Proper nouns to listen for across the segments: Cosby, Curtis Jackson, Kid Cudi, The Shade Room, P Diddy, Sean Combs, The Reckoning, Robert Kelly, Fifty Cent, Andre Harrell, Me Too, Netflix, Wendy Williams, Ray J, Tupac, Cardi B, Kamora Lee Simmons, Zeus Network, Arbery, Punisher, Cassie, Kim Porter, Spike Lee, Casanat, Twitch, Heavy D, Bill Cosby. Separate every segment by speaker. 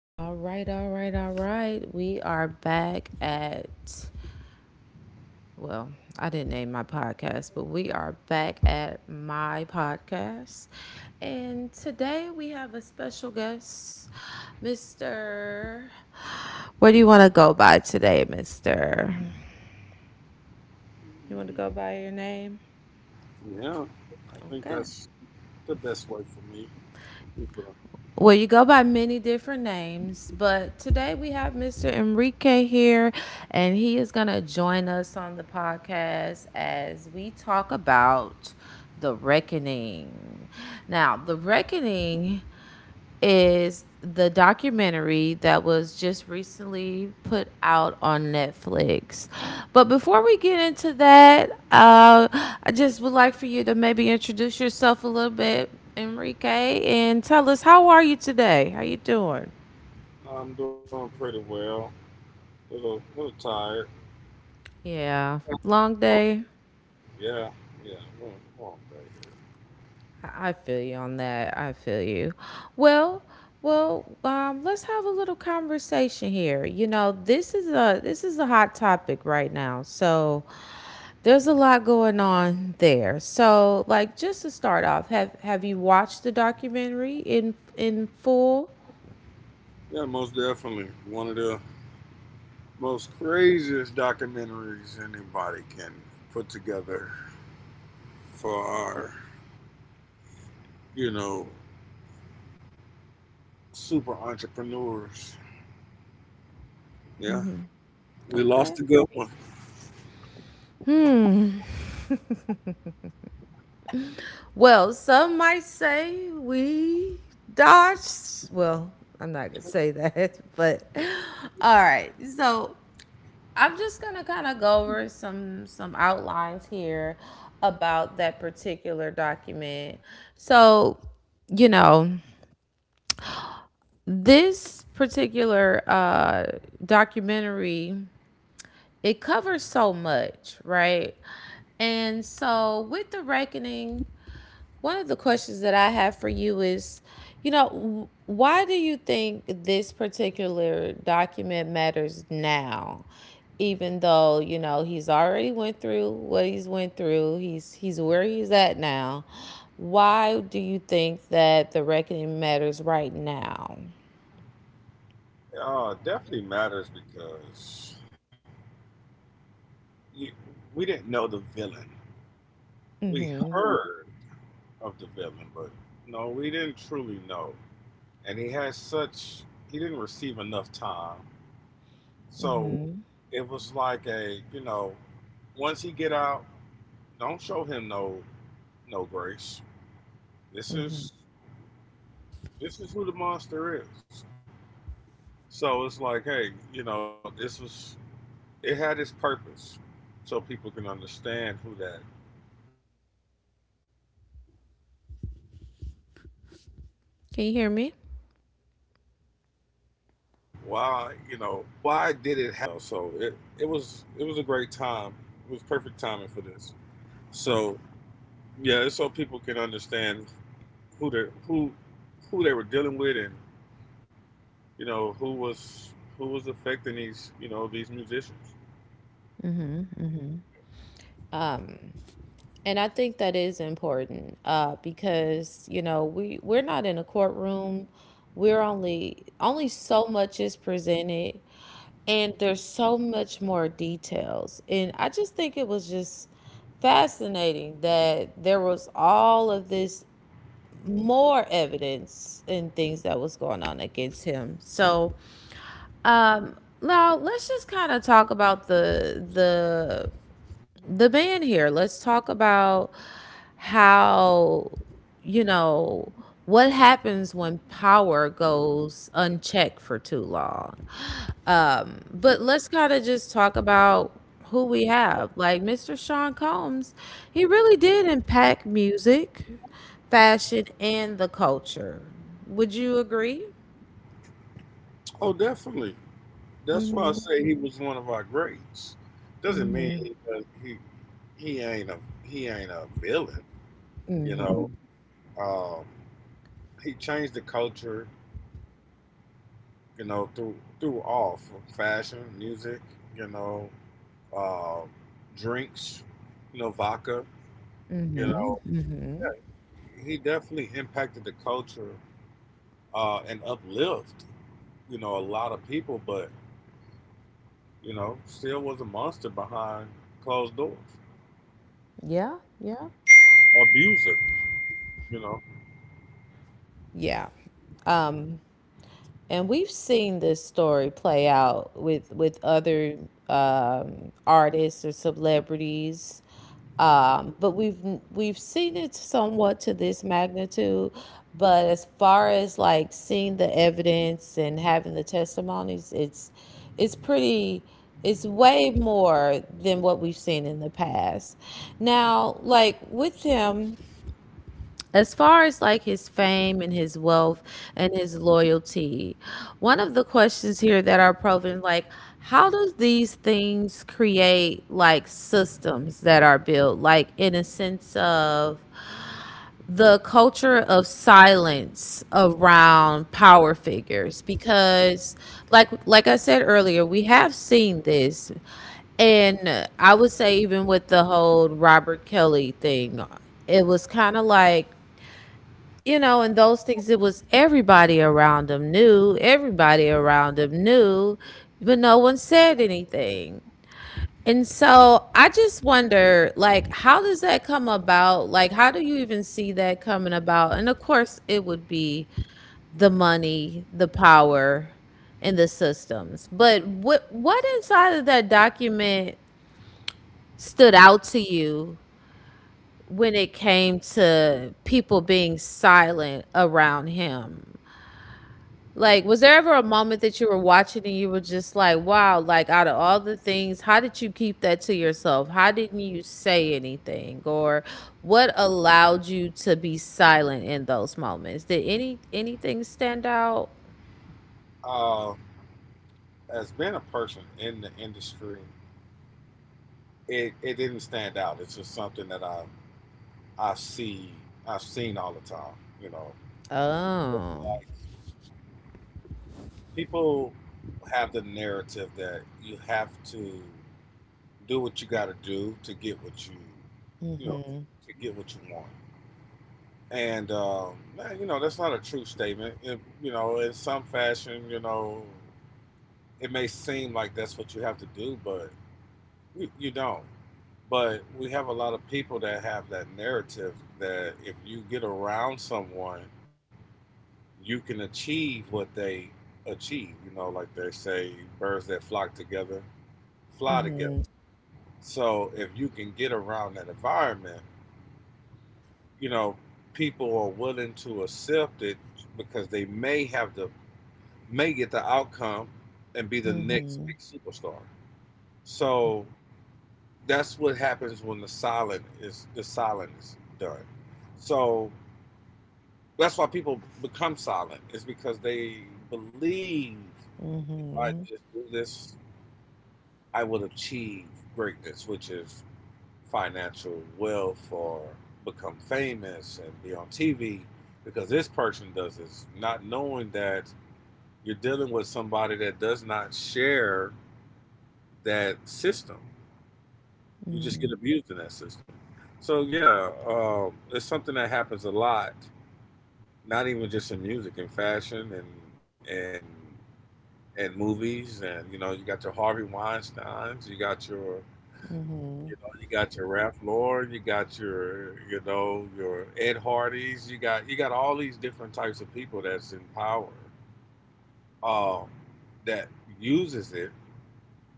Speaker 1: All right, all right, all right. We are back at, well, I didn't name my podcast, but we are back at my podcast. And today we have a special guest, Mr. Where do you want to go by today, Mr.? You want to
Speaker 2: Mm,
Speaker 1: go by your name?
Speaker 2: Yeah, I think
Speaker 1: Okay.
Speaker 2: that's the best way for me. How you doing?
Speaker 1: Well, you go by many different names, but today we have Mr. Enrique here, and he is going to join us on the podcast as we talk about The Reckoning. Now, The Reckoning is the documentary that was just recently put out on Netflix. But before we get into that, I just would like for you to maybe introduce yourself a little bit, Enrique, and tell us, how are you today? How you doing?
Speaker 2: I'm doing pretty well. Little tired.
Speaker 1: Yeah, long day.
Speaker 2: Yeah, yeah, long, long day here.
Speaker 1: I feel you on that. I feel you. Well, let's have a little conversation here. You know, this is a hot topic right now. So there's a lot going on there. So, like, just to start off, have you watched the documentary in full?
Speaker 2: Yeah, most definitely one of the most craziest documentaries anybody can put together for our, you know, super entrepreneurs. Yeah, we
Speaker 1: Okay.
Speaker 2: lost a good one.
Speaker 1: Well, some might say we dodged. Well, I'm not going to say that, but all right. So, I'm just gonna kind of go over some outlines here about that particular document. So, you know, this particular documentary, it covers so much, right? And so, with the reckoning, one of the questions that I have for you is, you know, why do you think this particular document matters now? Even though, you know, he's already went through what he's went through, he's where he's at now. Why do you think that the reckoning matters right now?
Speaker 2: Yeah, it definitely matters because you, we didn't know the villain. We
Speaker 1: Mhm.
Speaker 2: heard of the villain, but no, we didn't truly know. And he had such he didn't receive enough time. So
Speaker 1: Mhm.
Speaker 2: it was like a, you know, once he get out, don't show him no grace. This
Speaker 1: Mhm.
Speaker 2: is this is who the monster is. So it's like, hey, you know, this was it had its purpose so people can understand who that monster is. Why was he locked up? Why, you know,
Speaker 1: Can you hear me?
Speaker 2: why did it happen like this? You know, so it was a great time. It was perfect timing for this. So yeah, it's so people can understand who they who who they were dealing with and you know who was affecting these you know these musicians.
Speaker 1: Um And I think that is important, because, you know, we we're not in a courtroom. We're only only so much is presented, and there's so much more details. And I just think it was just fascinating that there was all of this more evidence and things that was going on against him. So, um, now let's just kind of talk about the band here. Let's talk about how, you know, what happens when power goes unchecked for too long. But let's kind of just talk about who we have. Like Mr. Sean Combs, he really did impact music, fashion, and the culture. Would you agree?
Speaker 2: Oh, definitely. That's why I say he was one of our greats. Doesn't mean he ain't a villain. You know, um, he changed the culture you know, through all fashion, music, you know, uh, drinks, you know, vodka, you know. Yeah, he definitely impacted the culture and uplived, you know, a lot of people, but you know, still was a monster behind closed doors,
Speaker 1: Yeah, yeah.
Speaker 2: abuser, you know.
Speaker 1: Yeah. And we've seen this story play out with other artists or celebrities, but we've seen it somewhat to this magnitude. But as far as like seeing the evidence and having the testimonies, it's pretty, it's way more than what we've seen in the past. Now, like with him. As far as like his fame and his wealth and his loyalty, one of the questions here that are proven, like, how does these things create like systems that are built, like in a sense of the culture of silence around power figures? Because, like I said earlier, we have seen this, and I would say, even with the whole Robert Kelly thing, it was kind of like, you know, and those things, it was everybody around them knew, everybody around them knew, but no one said anything. And so I just wonder, like, how does that come about? Like, how do you even see that coming about? And of course, it would be the money, the power, and the systems. But what inside of that document stood out to you when it came to people being silent around him? Like, was there ever a moment that you were watching and you were just like, wow, like, out of all the things, how did you keep that to yourself? How didn't you say anything? Or what allowed you to be silent in those moments? Did anything stand out?
Speaker 2: Uh, as being a person in the industry, it didn't stand out. It's just something that I see I've seen all the time, you
Speaker 1: Oh.
Speaker 2: know people have the narrative that you have to do what you got to do to get what you know to get what you want. And man, you know that's not a true statement. You know in some fashion you know it may seem like that's what you have to do but you don't, but we have a lot of people that have that narrative that if you get around someone you can achieve what they achieve you know like they say birds that flock together fly together.
Speaker 1: Mm-hmm.
Speaker 2: So if you can get around that environment, you know, people are willing to accept it because they may have the may get the outcome and be the next
Speaker 1: Mm-hmm.
Speaker 2: big superstar. So that's what happens when the silent is done. So that's why people become silent is because they believe if I
Speaker 1: Mm-hmm.
Speaker 2: just do this, I will achieve greatness, which is financial wealth or become famous and be on TV because this person does this, not knowing that you're dealing with somebody that does not share that system. You just
Speaker 1: Mm-hmm.
Speaker 2: get abused in that system. So, yeah, it's something that happens a lot, not even just in music, in fashion and, and movies. And, you know, you got your Harvey Weinsteins, you
Speaker 1: Mm-hmm.
Speaker 2: know, you got your Ralph Lauren, you got your, you know, your Ed Hardy's, you got all these different types of people that's in power, um, that uses it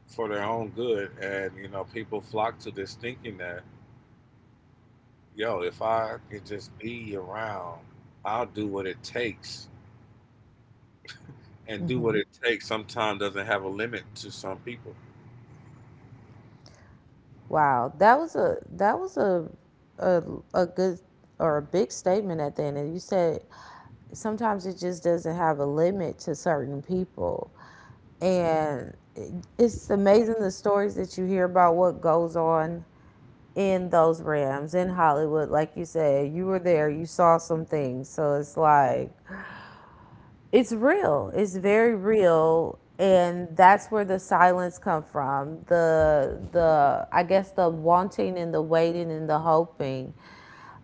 Speaker 2: for their own good, and you know, people flock to this thinking that, yo, if I could just be around, I'll do what it takes, and do what it takes sometimes doesn't have a limit to some people.
Speaker 1: Wow, that was a that was a a good or a big statement at the end. And you said sometimes it just doesn't have a limit to certain people. And it's amazing the stories that you hear about what goes on in those Rams in Hollywood. Like you said, you were there, you saw some things. So it's like it's real, it's very real. And that's where the silence come from, the I guess the wanting and the waiting and the hoping.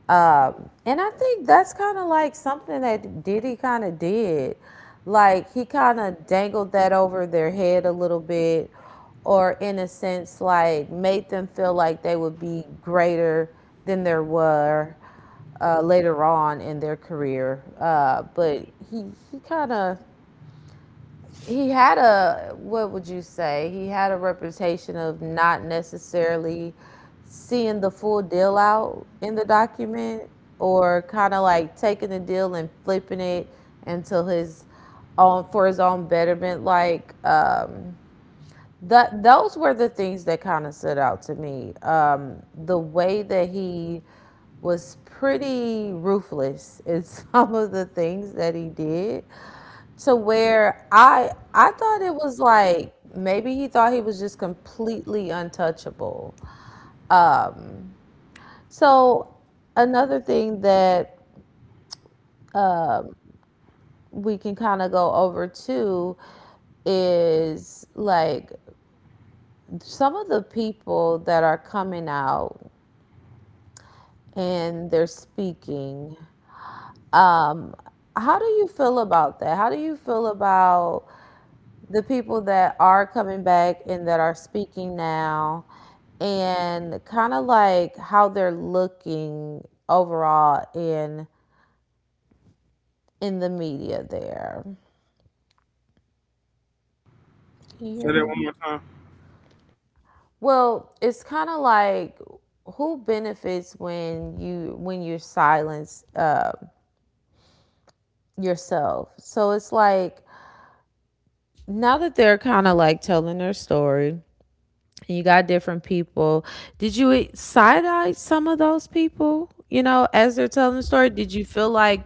Speaker 1: And I think that's kind of like something that Diddy kind of did. Like he kind of dangled that over their head a little bit, or in a sense like made them feel like they would be greater than there were later on in their career. But he kind of, he had a, what would you say? He had a reputation of not necessarily seeing the full deal out in the document, or kind of like taking the deal and flipping it until his own, for his own betterment, like, that those were the things that kind of stood out to me. The way that he was pretty ruthless in some of the things that he did, to where I thought it was like maybe he thought he was just completely untouchable. So another thing that we can kind of go over too is, like, some of the people that are coming out and they're speaking. Um, how do you feel about that? How do you feel about the people that are coming back and that are speaking now, and kind of like how they're looking overall in the media there? Can you
Speaker 2: Say
Speaker 1: hear
Speaker 2: that
Speaker 1: me?
Speaker 2: one more time.
Speaker 1: Well, it's kind of like, who benefits when you silence yourself? So it's like now that they're kind of like telling their story, and you got different people. Did you side eye some of those people? You know, as they're telling the story, did you feel like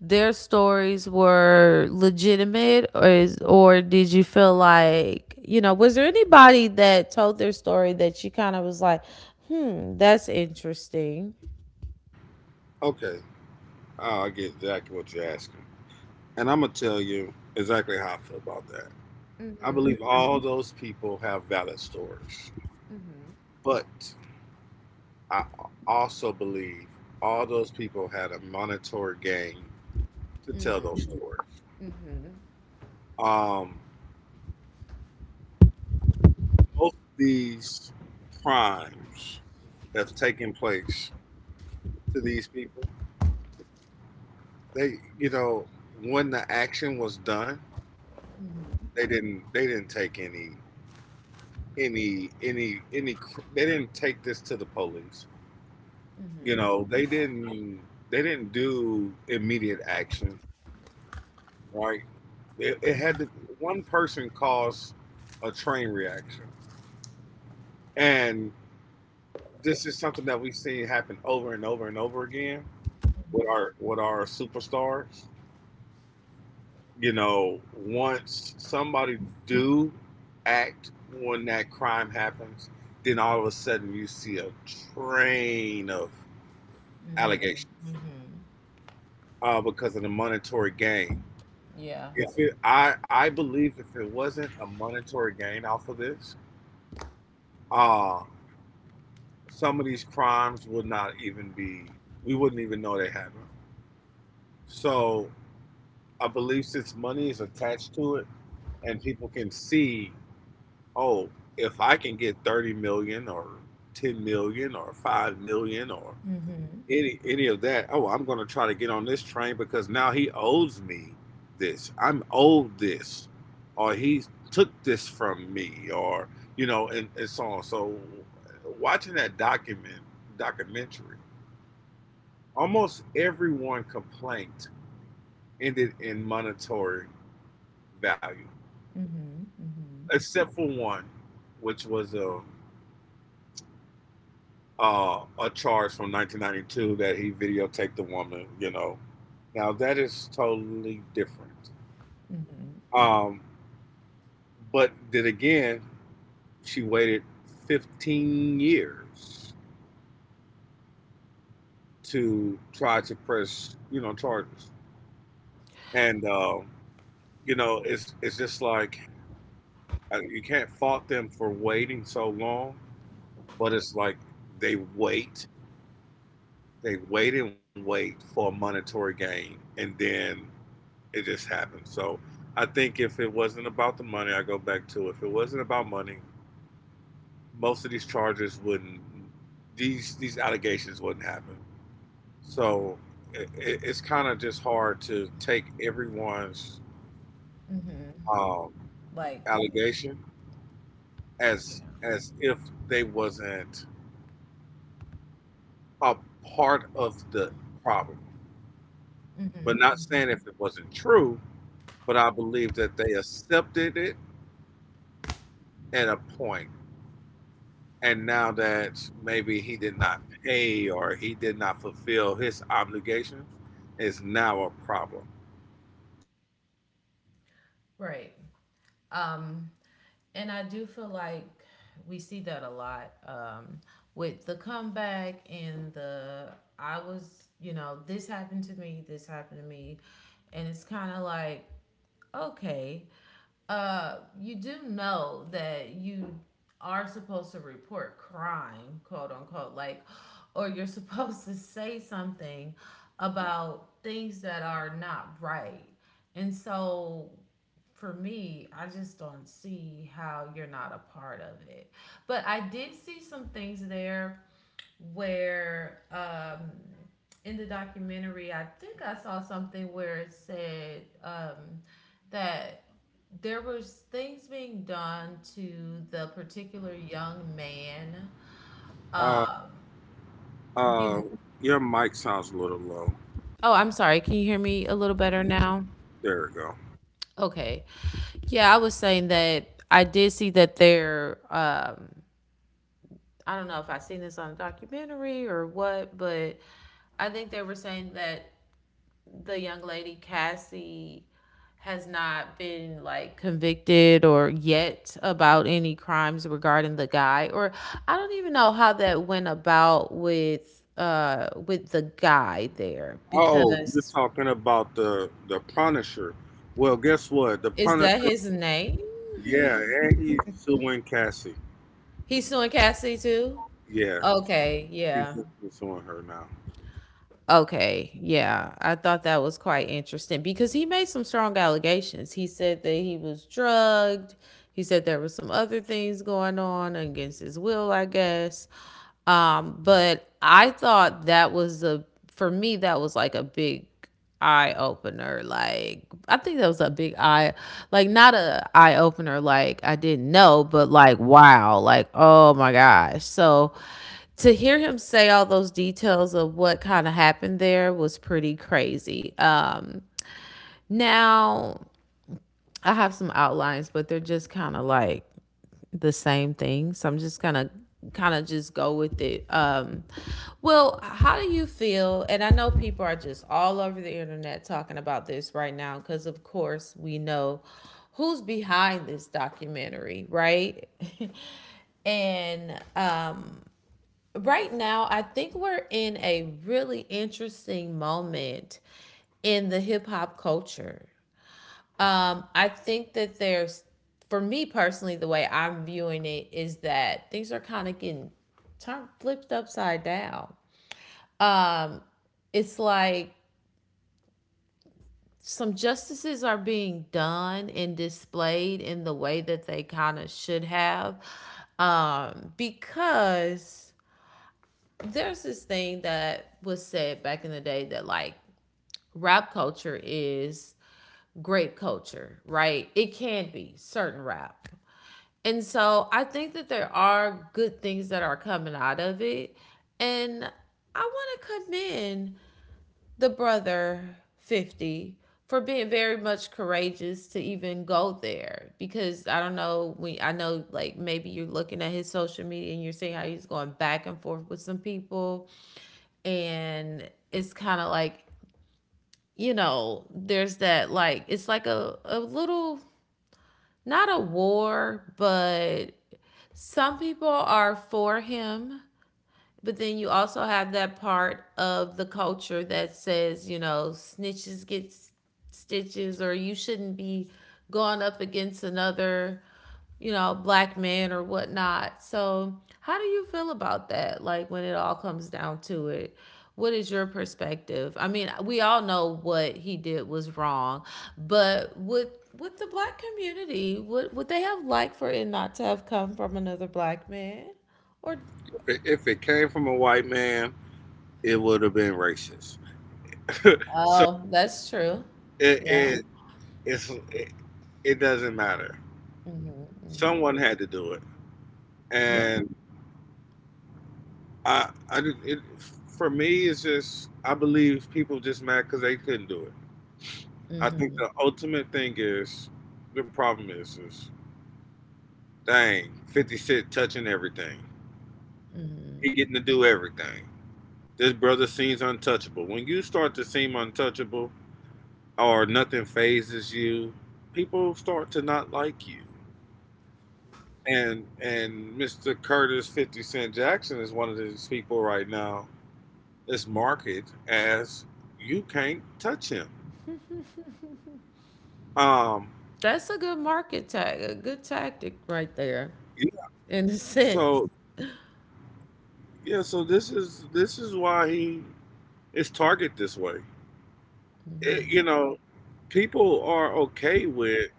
Speaker 1: their stories were legitimate? Or is, or did you feel like, you know, was there anybody that told their story that you kind of was like, hmm, that's interesting?
Speaker 2: Okay, oh, I get exactly what you're asking, and I'm gonna tell you exactly how I feel about that. I believe all those people have valid stories, but I also believe all those people had a monetary gain to tell those stories. Um, most of these crimes that's taken place to these people, they, you know, when the action was done, they didn't take any, any. They didn't take this to the police. You know, they didn't do immediate action, right? It had to. One person caused a train reaction, and this is something that we've seen happen over and over and over again with our superstars. You know, once somebody do act when that crime happens, then all of a sudden you see a train of allegations because of the monetary gain.
Speaker 1: Yeah.
Speaker 2: If it, I believe if it wasn't a monetary gain off of this. uh, Some of these crimes would not even be, we wouldn't even know they happened. So I believe since money is attached to it and people can see, oh, if I can get 30 million or 10 million or 5 million or any of that, oh, I'm going to try to get on this train because now he owes me this. I'm owed this or he took this from me or you know and so on. So watching that documentary almost everyone complaint ended in monetary value, except for one, which was a charge from 1992 that he videotaped the woman. You know, now that is totally different. Um, but then again, she waited 15 years to try to press you know charges, and you know it's just like you can't fault them for waiting so long but it's like they wait, they wait and wait for a monetary gain, and then it just happens. So I think if it wasn't about the money, I go back to if it wasn't about money, most of these charges wouldn't, these allegations wouldn't happen. So it's kind of just hard to take everyone's um, allegation as if they wasn't a part of the problem. But not saying if it wasn't true, but I believe that they accepted it at a point. And now that maybe he did not pay or he did not fulfill his obligations, is now a problem.
Speaker 1: Right. Um, and I do feel like we see that a lot, with the comeback and the, I was, you know, this happened to me, this happened to me. And it's kind of like, okay, you do know that you are supposed to report crime, quote unquote, like, or you're supposed to say something about things that are not right. And so for me, I just don't see how you're not a part of it. But I did see some things there where, in the documentary, I think I saw something where it said, that there was things being done to the particular young man.
Speaker 2: Uh,
Speaker 1: Um,
Speaker 2: uh,
Speaker 1: you.
Speaker 2: your mic sounds a little low.
Speaker 1: Oh, I'm sorry. Can you hear me a little better now?
Speaker 2: There we go.
Speaker 1: Okay. Yeah, I was saying that I did see that there. I don't know if I seen this on a documentary or what, but I think they were saying that the young lady Cassie has not been like convicted or yet about any crimes regarding the guy, or I don't even know how that went about with the guy there,
Speaker 2: Oh, you're
Speaker 1: because
Speaker 2: talking about the Punisher. Well, guess what? The
Speaker 1: is
Speaker 2: Punisher.
Speaker 1: that his name?
Speaker 2: Yeah, and he's suing Cassie.
Speaker 1: He's suing Cassie too?
Speaker 2: Yeah,
Speaker 1: Okay,
Speaker 2: he's
Speaker 1: yeah.
Speaker 2: suing her now.
Speaker 1: Okay, yeah, I thought that was quite interesting because he made some strong allegations. He said that he was drugged. He said there were some other things going on against his will, I guess. But I thought that was a, for me that was like a big eye opener. Like, I think that was a big eye, like, not a eye opener like I didn't know, but like, wow, like, oh my gosh. So to hear him say all those details of what kind of happened there was pretty crazy. Now I have some outlines, but they're just kind of like the same thing. So I'm just gonna just go with it. Well, how do you feel? And I know people are just all over the internet talking about this right now because, of course, we know who's behind this documentary, right? and Right now, I think we're in a really interesting moment in the hip hop culture. I think that there's, for me personally, the way I'm viewing it is that things are kind of getting turned, flipped upside down. It's like some justices are being done and displayed in the way that they kind of should have, because there's this thing that was said back in the day that like rap culture is grape culture, right? It can be certain rap. And so I think that there are good things that are coming out of it. And I want to commend the brother 50 for being very much courageous to even go there, because I don't know, we I know, like, maybe you're looking at his social media and you're seeing how he's going back and forth with some people. And it's kind of like, there's that, like, it's like a little, not a war, but some people are for him, but then you also have that part of the culture that says, snitches get stitches, or you shouldn't be going up against another, black man or whatnot. So, how do you feel about that? Like, when it all comes down to it, what is your perspective? I mean, we all know what he did was wrong, but would the black community, would they have liked for it not to have come from another black man? Or.
Speaker 2: If it came from a white man, it would have been racist. So.
Speaker 1: Oh, that's true.
Speaker 2: It
Speaker 1: Yeah.
Speaker 2: it it's, it, it doesn't matter.
Speaker 1: Mhm, mhm.
Speaker 2: Someone had to do it,
Speaker 1: Yeah.
Speaker 2: and I did- it for me it's just I believe people just mad because they couldn't do it. I think
Speaker 1: Mhm.
Speaker 2: the ultimate thing is the problem is dang Fifty Cent touching everything. He getting to do everything. This brother seems untouchable. When you start to seem untouchable or nothing phases you, people start to not like you. And Mr. Curtis Fifty Cent Jackson is one of these people right now that's marketed as you can't touch him. Um,
Speaker 1: That's a good market tag, a good tactic right there,
Speaker 2: yeah,
Speaker 1: in a sense.
Speaker 2: so yeah, so this is why he is targeted this way. It, you know, people are okay with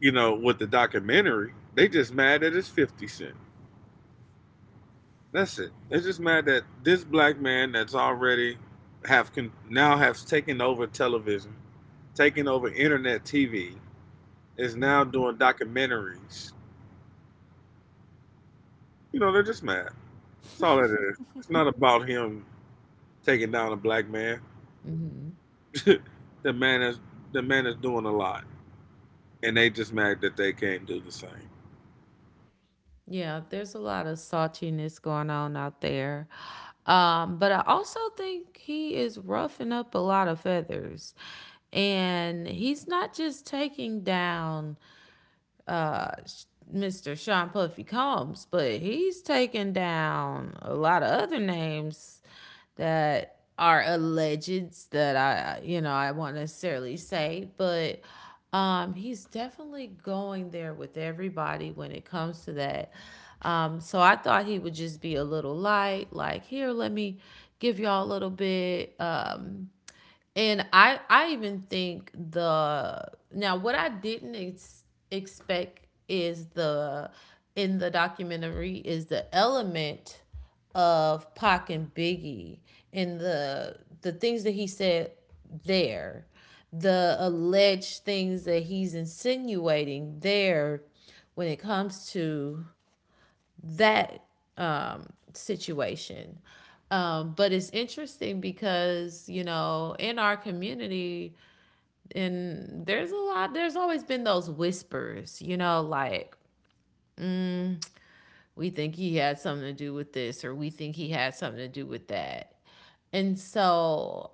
Speaker 2: you know with the documentary. They just mad that it's Fifty Cent. That's it. It's just mad that this black man that's already now has taken over television, taken over internet TV, is now doing documentaries. You know, they're just mad. That's all it is. It's not about him taking down a black man. the man is the man is doing a lot, and they just mad that they can't do the same.
Speaker 1: Yeah, there's a lot of saltiness going on out there. But I also think he is roughing up a lot of feathers. And he's not just taking down uh, Mr. Sean Puffy Combs, but he's taken down a lot of other names that are alleged that I won't necessarily say, but he's definitely going there with everybody when it comes to that. So I thought he would just be a little light, like, here, let me give y'all a little bit. And I even think the now, what I didn't expect is the in the documentary is the element of Pac and Biggie and the things that he said there, the alleged things that he's insinuating there when it comes to that, um, situation. But it's interesting because, you know, in our community, and there's a lot, there's always been those whispers, like, we think he had something to do with this, or we think he had something to do with that. And so,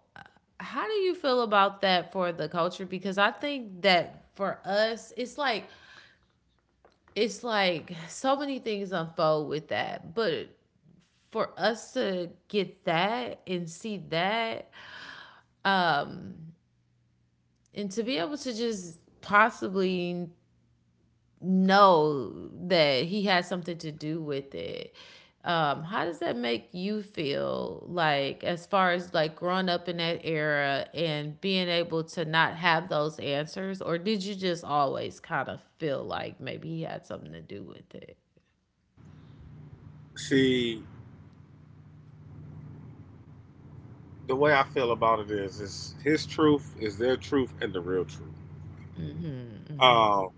Speaker 1: how do you feel about that for the culture? Because I think that for us, it's like so many things unfold with that. But for us to get that and see that, um and to be able to just possibly know that he had something to do with it, how does that make you feel, like, as far as, like, growing up in that era and being able to not have those answers, or did you just always kind of feel like maybe he had something to do with it?
Speaker 2: See, the way I feel about it is his truth is their truth and the real truth. Um,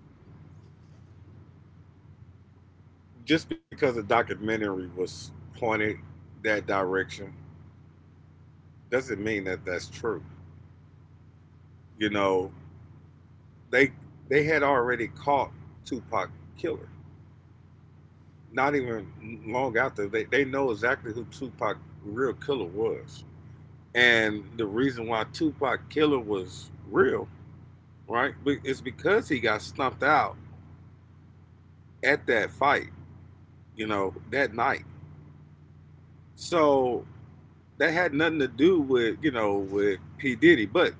Speaker 2: just because a documentary was pointed that direction doesn't mean that that's true. You know, they they had already caught Tupac killer. Not even long after they know exactly who Tupac real killer was, and the reason why Tupac killer was real, right? It's because he got stumped out at that fight. You know, that night. So that had nothing to do with you know with P Diddy, but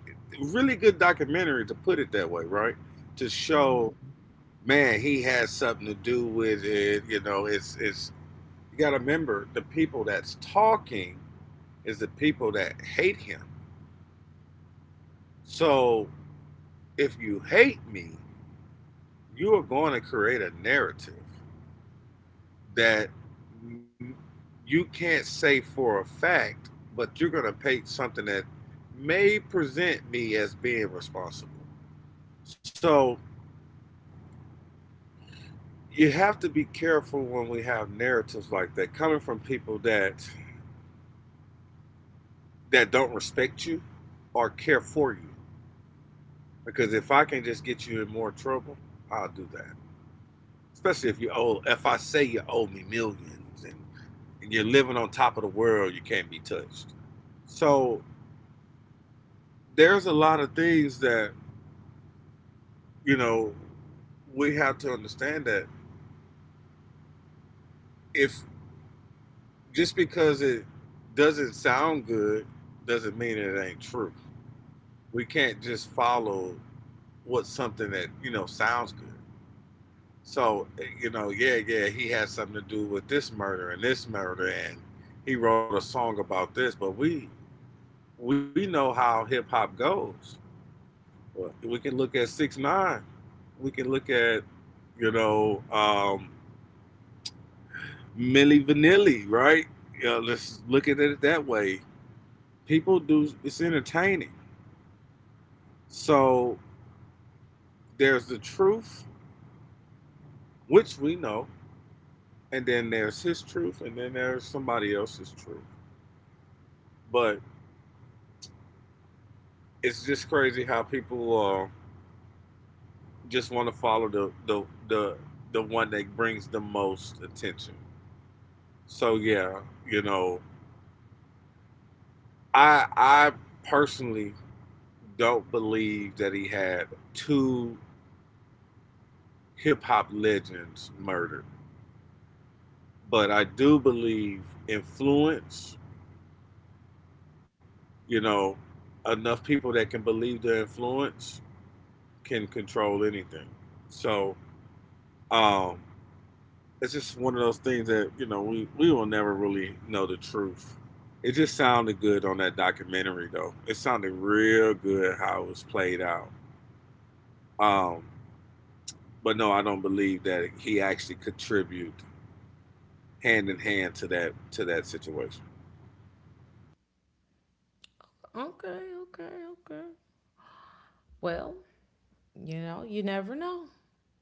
Speaker 2: really good documentary to put it that way, right? To show man he has something to do with it. You know, it's you got to remember the people that's talking is the people that hate him. So if you hate me, you are going to create a narrative that you can't say for a fact, but you're going to paint something that may present me as being responsible. So you have to be careful when we have narratives like that coming from people that don't respect you or care for you. Because if I can just get you in more trouble, I'll do that. Especially if you owe if I say you owe me millions and you're living on top of the world, you can't be touched. So there's a lot of things that, you know, we have to understand that if just because it doesn't sound good doesn't mean it ain't true. We can't just follow what something that sounds good. So yeah, he had something to do with this murder and this murder, and he wrote a song about this. But we know how hip-hop goes. Well, we can look at 6ix9ine, we can look at you know um Millie Vanilli, right? Let's look at it that way. People do, it's entertaining. So there's the truth, which we know, and then there's his truth, and then there's somebody else's truth. But it's just crazy how people just want to follow the the one that brings the most attention. So yeah, you know, I personally don't believe that he had two hip hop legends murdered, but I do believe influence. You know, enough people that can believe their influence can control anything. So um, it's just one of those things that we will never really know the truth. It just sounded good on that documentary though. It sounded real good how it was played out. Um, but no, I don't believe that he actually contributed hand in hand to that situation.
Speaker 1: Okay, okay, okay. Well, you never know.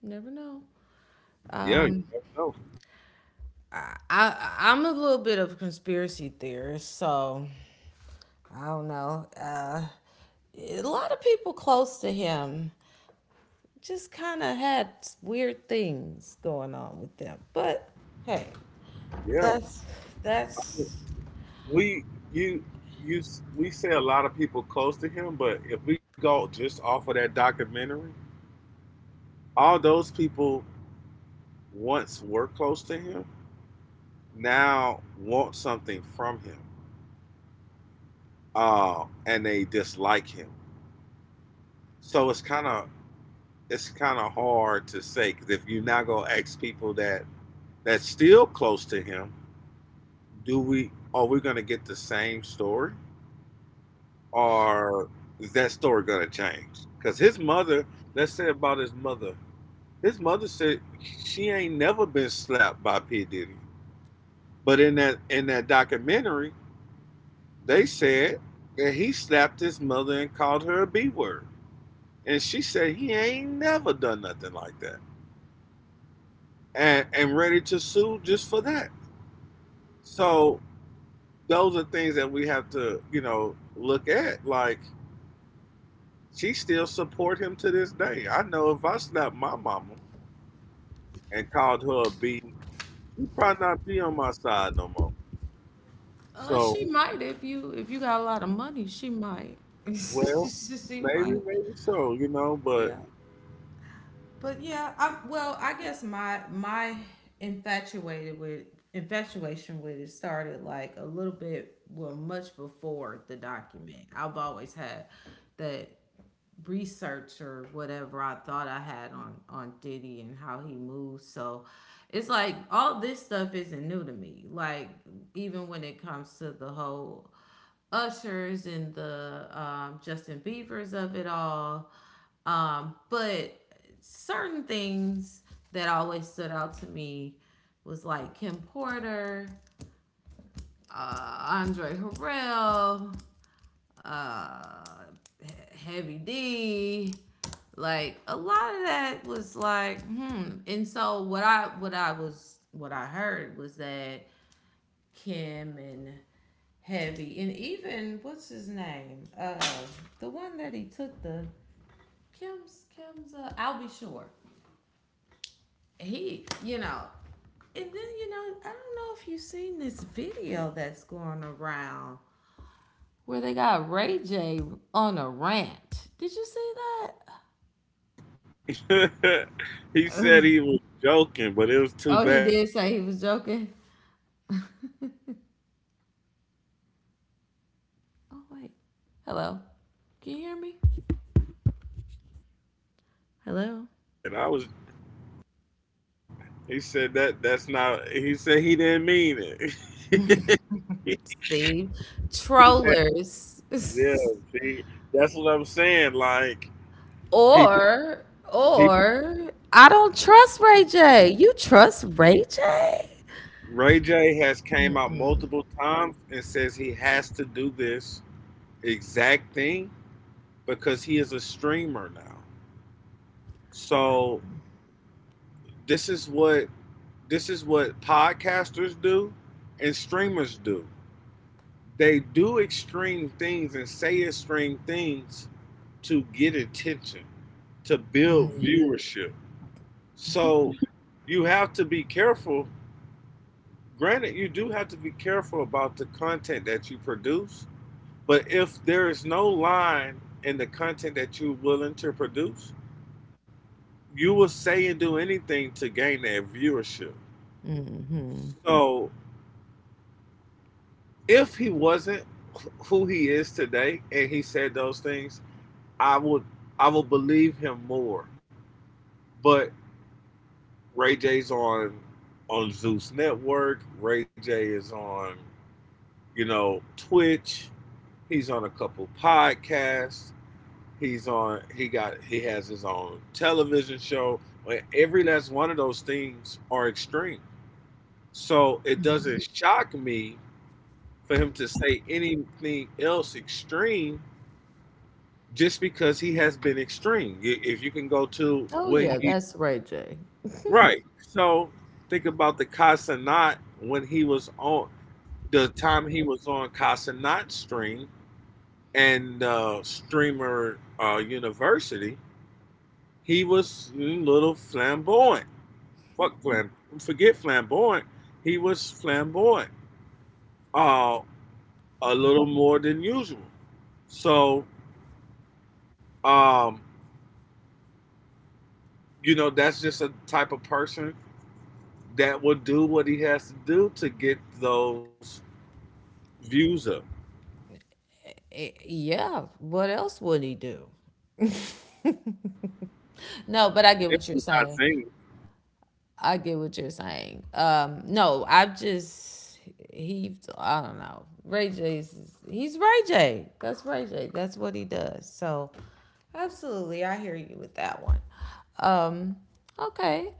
Speaker 1: Never know.
Speaker 2: Yeah, you
Speaker 1: Um,
Speaker 2: never know.
Speaker 1: I'm a little bit of a conspiracy theorist, so I don't know. A lot of people close to him just kind of had weird things going on with them. But, hey,
Speaker 2: Yeah,
Speaker 1: that's that's.
Speaker 2: we you you we say a lot of people close to him, but if we go just off of that documentary, all those people once were close to him now want something from him, and they dislike him. So it's kind of hard to say. Cause if you now go ask people that that's still close to him, do we are we going to get the same story, or is that story going to change? Because his mother, let's say about his mother, his mother said she ain't never been slapped by P Diddy. But in that documentary they said that he slapped his mother and called her a B word. And she said he ain't never done nothing like that. And ready to sue just for that. So those are things that we have to, you know, look at. Like, she still support him to this day. I know if I slapped my mama and called her a B, she'd probably not be on my side no more.
Speaker 1: She
Speaker 2: So,
Speaker 1: might if you, got a lot of money, she might.
Speaker 2: well,
Speaker 1: She might.
Speaker 2: maybe, maybe so, you know, but…
Speaker 1: Yeah. But yeah, I well, I guess my infatuated with infatuation with it started like a little bit, well, much before the document. I've always had that research or whatever I thought I had on Diddy and how he moves. So it's like all this stuff isn't new to me. Like, even when it comes to the whole Ushers and the, Justin Beavers of it all, but certain things that always stood out to me was like Kim Porter, Andre Harrell, uh Heavy D. Like a lot of that was like, hmm. And so what I heard was that Kim and Heavy, and even, what's his name? The one that he took the, Kim's Kim's I'll Be Sure. He, you know, and then, I don't know if you've seen this video that's going around where they got Ray J on a rant. Did you see that?
Speaker 2: he said he was joking, but it was too
Speaker 1: Oh, he
Speaker 2: bad. It's
Speaker 1: did
Speaker 2: too
Speaker 1: say he
Speaker 2: late
Speaker 1: was
Speaker 2: now.
Speaker 1: joking. Oh, wait. Hello. Can
Speaker 2: He
Speaker 1: you hear
Speaker 2: said,
Speaker 1: me?
Speaker 2: I was joking. I was joking.
Speaker 1: Hello.
Speaker 2: He said that that's not… he said he didn't mean it. He…
Speaker 1: See,
Speaker 2: Too bad.
Speaker 1: trollers.
Speaker 2: Yeah, see, that's what I'm saying. Like, people
Speaker 1: or
Speaker 2: people…
Speaker 1: or I don't trust Ray J. You trust Ray J?
Speaker 2: Ray J has came out multiple times and says he has to do this exact thing because he is a streamer now. So this is what this is what podcasters do and streamers do. They do extreme things and say extreme things to get attention, to build
Speaker 1: Mhm.
Speaker 2: viewership. So you have to be careful. Granted, you do have to be careful about the content that you produce, but if there is no line in the content that you're willing to produce, you will say and do anything to gain that viewership. So if he wasn't who he is today and he said those things, I would I would believe him more. But Ray J's on Zeus Network. Ray J is on, you know, Twitch. He's on a couple podcasts. He has his own television show. But every last one of those things are extreme. So it doesn't shock me for him to say anything else extreme just because he has been extreme. If you can go to
Speaker 1: Oh,
Speaker 2: when
Speaker 1: yeah,
Speaker 2: he…
Speaker 1: that's Ray J.
Speaker 2: Right. So think about the Casanat when he was on… the time he was on Casanat stream and streamer university. He was a little flamboyant. Fuck flam. Forget flamboyant. He was flamboyant. Uh, a little more than usual. So um, you know, that's just a type of person that will do what he has to do to get those views up.
Speaker 1: Eh, yeah. What else would he do? No, but I get
Speaker 2: If
Speaker 1: what you're
Speaker 2: you're not
Speaker 1: saying.
Speaker 2: saying…
Speaker 1: I get what you're saying. No, I've just heaved. I don't know. Ray J's. He's Ray J. That's Ray J. That's what he does. So, absolutely, I hear you with that one. Um, okay.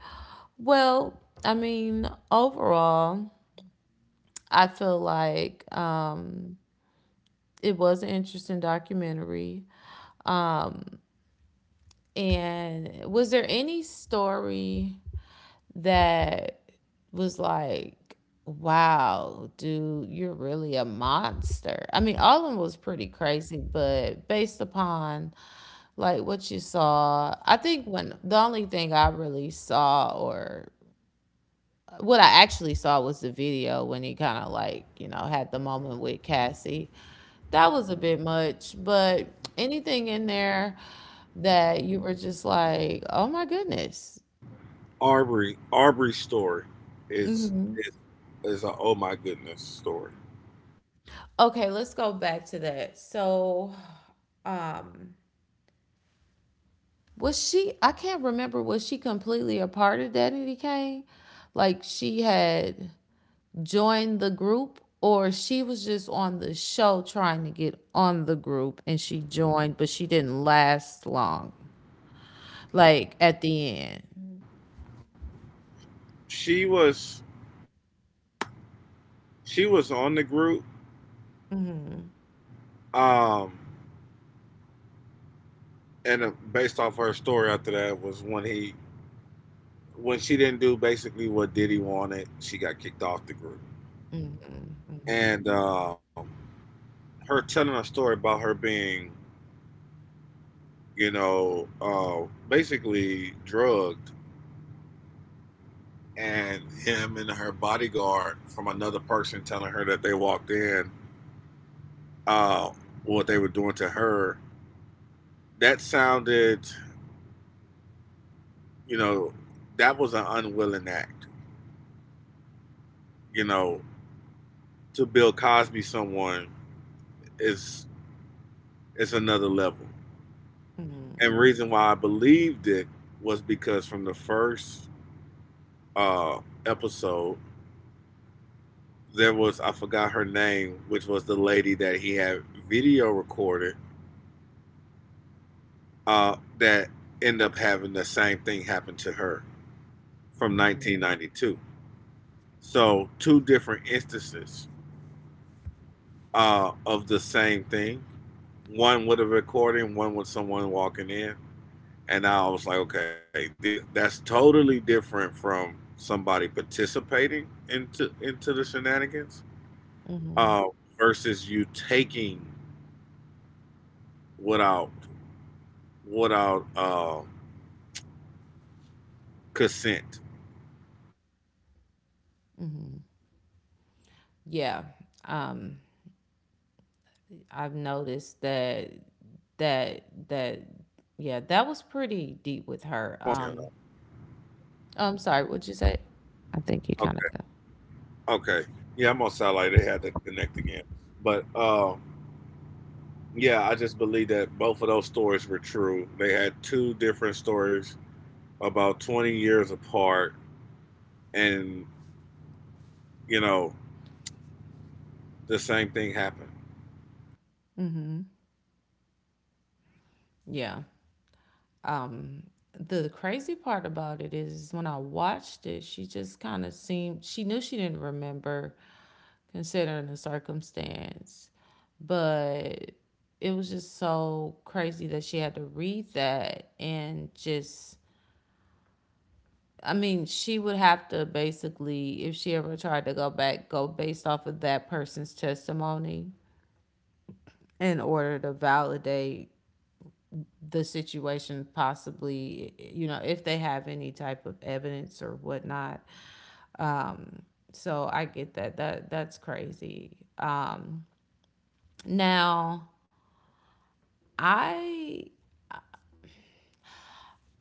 Speaker 1: Well, I mean, overall, I feel like, it was an interesting documentary. And was there any story that was like, wow, dude, you're really a monster? I mean, all of them was pretty crazy, but based upon like what you saw, I think when the only thing I really saw, or what I actually saw, was the video when he kind of like, had the moment with Cassie. That was a bit much, but anything in there that you were just like, oh my goodness.
Speaker 2: Arbery's story is is a oh my goodness story.
Speaker 1: Okay, let's go back to that. So, was she? I can't remember. Was she completely a part of Daddy Kane? Like, she had joined the group, or she was just on the show trying to get on the group, and she joined, but she didn't last long. Like, at the end,
Speaker 2: She was, she was on the group, um, and based off her story, after that was when he when she didn't do basically what Diddy wanted, she got kicked off the group. And her telling a story about her being, you know, basically drugged, and him and her bodyguard… from another person telling her that they walked in, uh, what they were doing to her, that sounded, you know, that was an unwilling act. You know, to Bill Cosby someone is… is another level. And the reason why I believed it was because from the first uh, episode, there was… I forgot her name, which was the lady that he had video recorded, that ended up having the same thing happen to her from 1992. So two different instances of the same thing. One with a recording, one with someone walking in, and I was like, okay, that's totally different from somebody participating into the shenanigans, uh, versus you taking without without uh, consent. So her story just is, you know, it just confirms
Speaker 1: yeah.
Speaker 2: the first lady.
Speaker 1: Um, I've noticed that,
Speaker 2: Let's see.
Speaker 1: that
Speaker 2: I'm on
Speaker 1: that
Speaker 2: satellite because
Speaker 1: yeah,
Speaker 2: it's
Speaker 1: that was
Speaker 2: kind of messing
Speaker 1: pretty
Speaker 2: up. I
Speaker 1: deep
Speaker 2: don't know
Speaker 1: with
Speaker 2: if you can
Speaker 1: her.
Speaker 2: hear me or not.
Speaker 1: I'm sorry, what'd you say? I think you kind of go.
Speaker 2: Okay. Yeah, I'm gonna sound like… They had to connect again. But yeah, I just believe that both of those stories were true. They had two different stories about 20 years apart, and, you know, the same thing happened.
Speaker 1: Yeah. Um, the crazy part about it is, when I watched it, she just kind of seemed, she knew she didn't remember considering the circumstance, but it was just so crazy that she had to read that and just, I mean, she would have to basically, if she ever tried to go back, go based off of that person's testimony in order to validate the situation, possibly, if they have any type of evidence or whatnot. um so I get that that, that's crazy. Now, i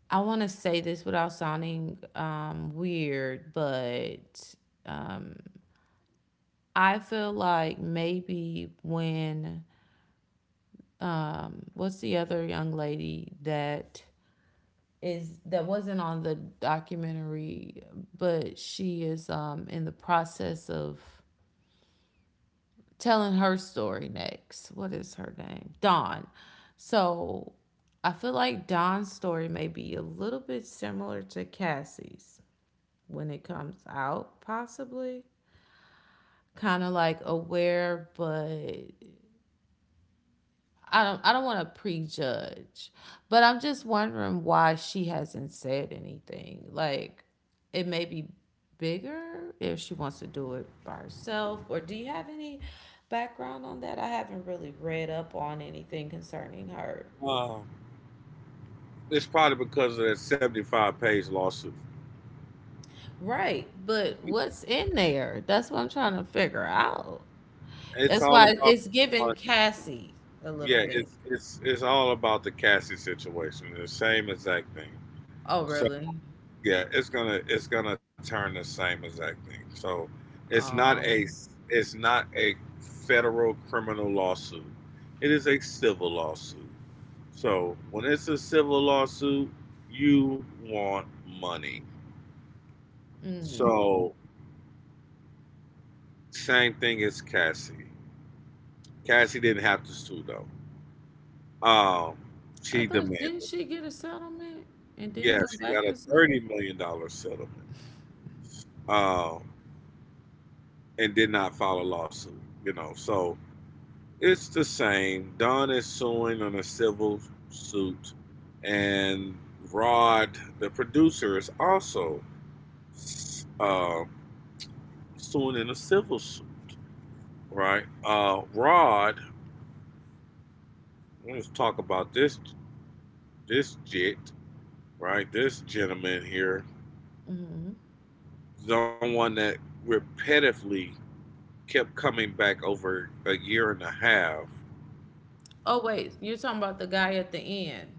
Speaker 1: I want to say this without sounding, weird, but I feel like, maybe, when what's the other young lady, that wasn't on the documentary, but she is, in the process of telling her story next. What is her name? Dawn. So I feel like Dawn's story may be a little bit similar to Cassie's when it comes out, possibly. Kind of like aware, but I don't want to prejudge, but I'm just wondering why she hasn't said anything. Like, it may be bigger if she wants to do it by herself, or do you have any background on that? I haven't really read up on anything concerning her.
Speaker 2: Um, it's probably because of that 75-page lawsuit.
Speaker 1: Right, but what's in there? That's what I'm trying to figure out.
Speaker 2: It's
Speaker 1: That's
Speaker 2: all
Speaker 1: why
Speaker 2: about…
Speaker 1: it's giving
Speaker 2: uh,
Speaker 1: Cassie a little
Speaker 2: yeah,
Speaker 1: bit.
Speaker 2: it's all about the Cassie situation, the same exact thing.
Speaker 1: Oh,
Speaker 2: So…
Speaker 1: really?
Speaker 2: Yeah, it's gonna turn the same exact thing. So it's not a
Speaker 1: Um
Speaker 2: it's not a federal criminal lawsuit. It is a civil lawsuit. So when it's a civil lawsuit, you want money. So, same thing as Cassie. Cassie didn't have to sue though. Um,
Speaker 1: I
Speaker 2: she
Speaker 1: thought, didn't
Speaker 2: demanded.
Speaker 1: she get a settlement and then
Speaker 2: Yeah,
Speaker 1: went
Speaker 2: she got
Speaker 1: back
Speaker 2: a
Speaker 1: and sued?
Speaker 2: $30 million settlement. Um, and did not file a lawsuit. You know, so… It's the same. Don is suing on a civil suit, and Rod, the producer, is also uh, suing in a civil suit, right? Rod, let's talk about this jit, right? This gentleman here, the one that repetitively kept coming back over a year and a half.
Speaker 1: Oh, wait, you're talking about the guy at the end.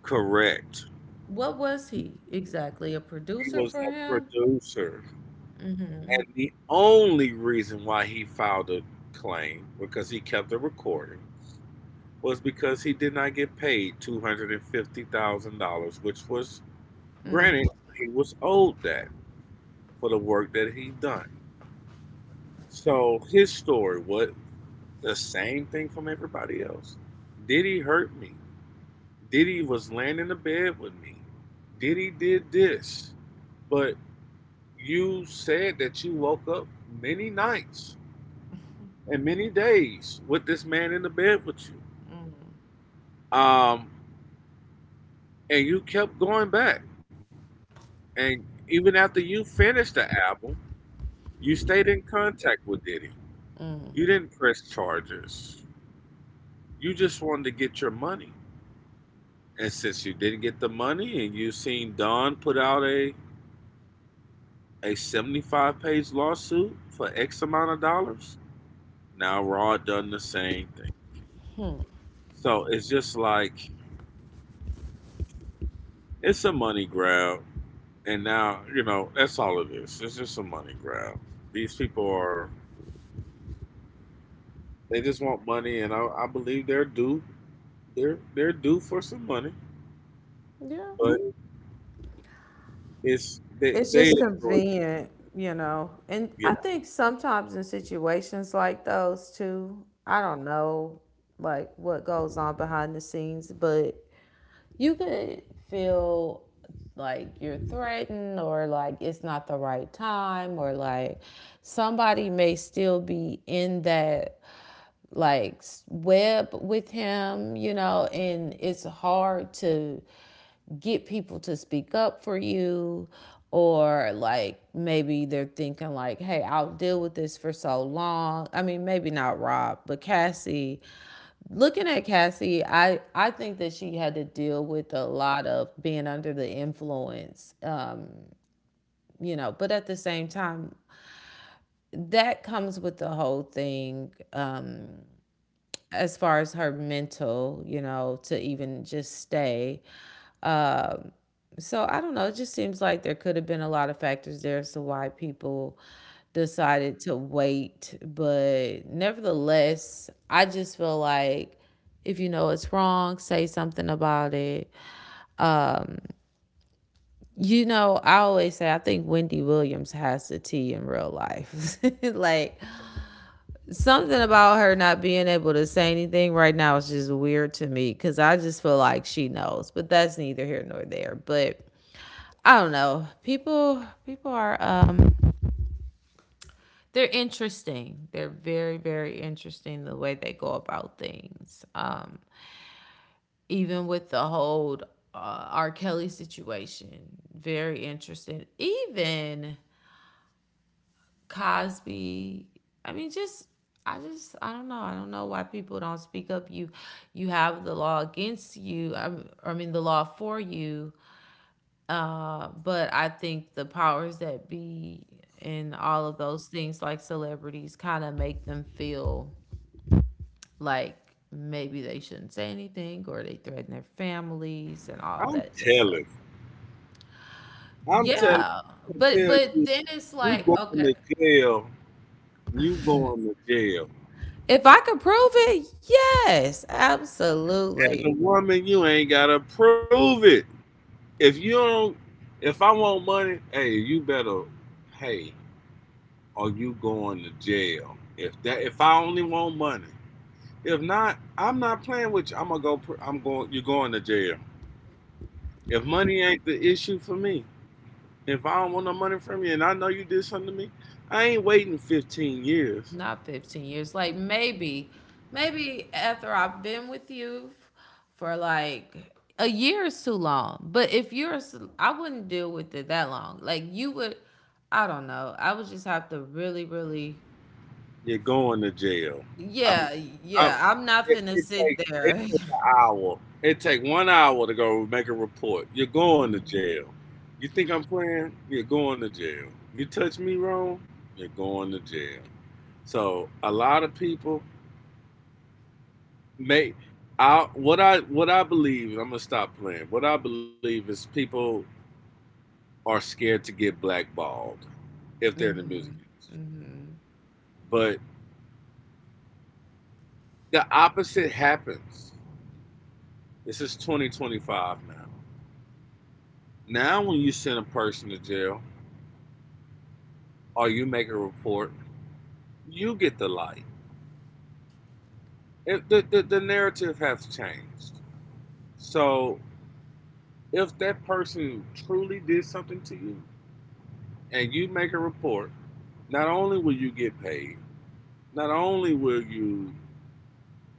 Speaker 2: Correct.
Speaker 1: What was he exactly? A
Speaker 2: He
Speaker 1: producer
Speaker 2: was
Speaker 1: for
Speaker 2: a
Speaker 1: him?
Speaker 2: producer. And the only reason why he filed a claim, because he kept a recording, was because he did not get paid $250,000, which was, granted, he was owed that for the work that he done. So his story was the same thing from everybody else. Diddy hurt me. Diddy was laying in the bed with me. Diddy did this. But you said that you woke up many nights and many days with this man in the bed with you. Um, and you kept going back. And even after you finished the album, you stayed in contact with Diddy. You didn't press charges. You just wanted to get your money. And since you didn't get the money and you seen Don put out a 75-page lawsuit for X amount of dollars, now Rod done the same thing. So it's just like it's a money grab. And now, you know, that's all it is. It's just a money grab. These people are… they just want money, and I believe they're due, they're due for some money.
Speaker 1: Yeah.
Speaker 2: But it's…
Speaker 1: It's
Speaker 2: they
Speaker 1: just
Speaker 2: enjoy it.
Speaker 1: convenient. And
Speaker 2: Yeah.
Speaker 1: I think sometimes in situations like those too, I don't know, like, what goes on behind the scenes, but you could feel like you're threatened, or like, it's not the right time, or like somebody may still be in that, like, web with him, and it's hard to get people to speak up for you, or like maybe they're thinking like, hey, I'll deal with this for so long, I mean, maybe not Rob, but Cassie. Looking at Cassie, I think that she had to deal with a lot of being under the influence. But at the same time, that comes with the whole thing, as far as her mental, to even just stay. Um, so I don't know. It just seems like there could have been a lot of factors there as to why people decided to wait. But nevertheless, I just feel like, if you know it's wrong, say something about it. I always say, I think Wendy Williams has the tea in real life. Like, something about her not being able to say anything right now is just weird to me because I just feel like she knows. But that's neither here nor there. But I don't know. People are, they're interesting. They're very, very interesting the way they go about things. Even with the whole R. Kelly situation, very interesting. Even Cosby. I mean, just, I don't know. I don't know why people don't speak up. You have the law against you. I mean, the law for you. But I think the powers that be, and all of those things, like celebrities, kind of make them feel like maybe they shouldn't say anything, or they threaten their families and all
Speaker 2: I'm
Speaker 1: that good stuff.
Speaker 2: telling. I'm telling,
Speaker 1: Yeah,
Speaker 2: I
Speaker 1: but
Speaker 2: tell
Speaker 1: but
Speaker 2: you,
Speaker 1: then it's
Speaker 2: you
Speaker 1: like,
Speaker 2: going
Speaker 1: okay.
Speaker 2: to jail. You going to jail.
Speaker 1: If I could prove it, yes,
Speaker 2: As a
Speaker 1: absolutely.
Speaker 2: woman, you ain't gotta prove it. If you don't… if I want money, hey, you better pay or you going to jail. If that… if I only want money… if not, I'm not playing with you. I'm gonna go. I'm going. You're going to jail. If money ain't the issue for me, if I don't want no money from you, and I know you did something to me, I ain't waiting 15 years.
Speaker 1: Not 15 years. Like, maybe after I've been with you for like a year is too long. But if you're, I wouldn't deal with it that long. Like, you would, I don't know. I would just have to really, really,
Speaker 2: You're going to jail. I'm.
Speaker 1: yeah,
Speaker 2: I'm.
Speaker 1: yeah. I'm not finna sit
Speaker 2: It
Speaker 1: there.
Speaker 2: take an hour. It take one hour to go make a report. You're going to jail. You think I'm playing? You're going to jail. You touch me wrong, you're going to jail. So a lot of people… May I what I what I believe, I'm gonna stop playing. What I believe is, people are scared to get blackballed if they're in the music industry.
Speaker 1: hmm.
Speaker 2: But the opposite happens. This is 2025 now. Now when you send a person to jail or you make a report, you get the light. If the narrative has changed. So if that person truly did something to you and you make a report, not only will you get paid, not only will you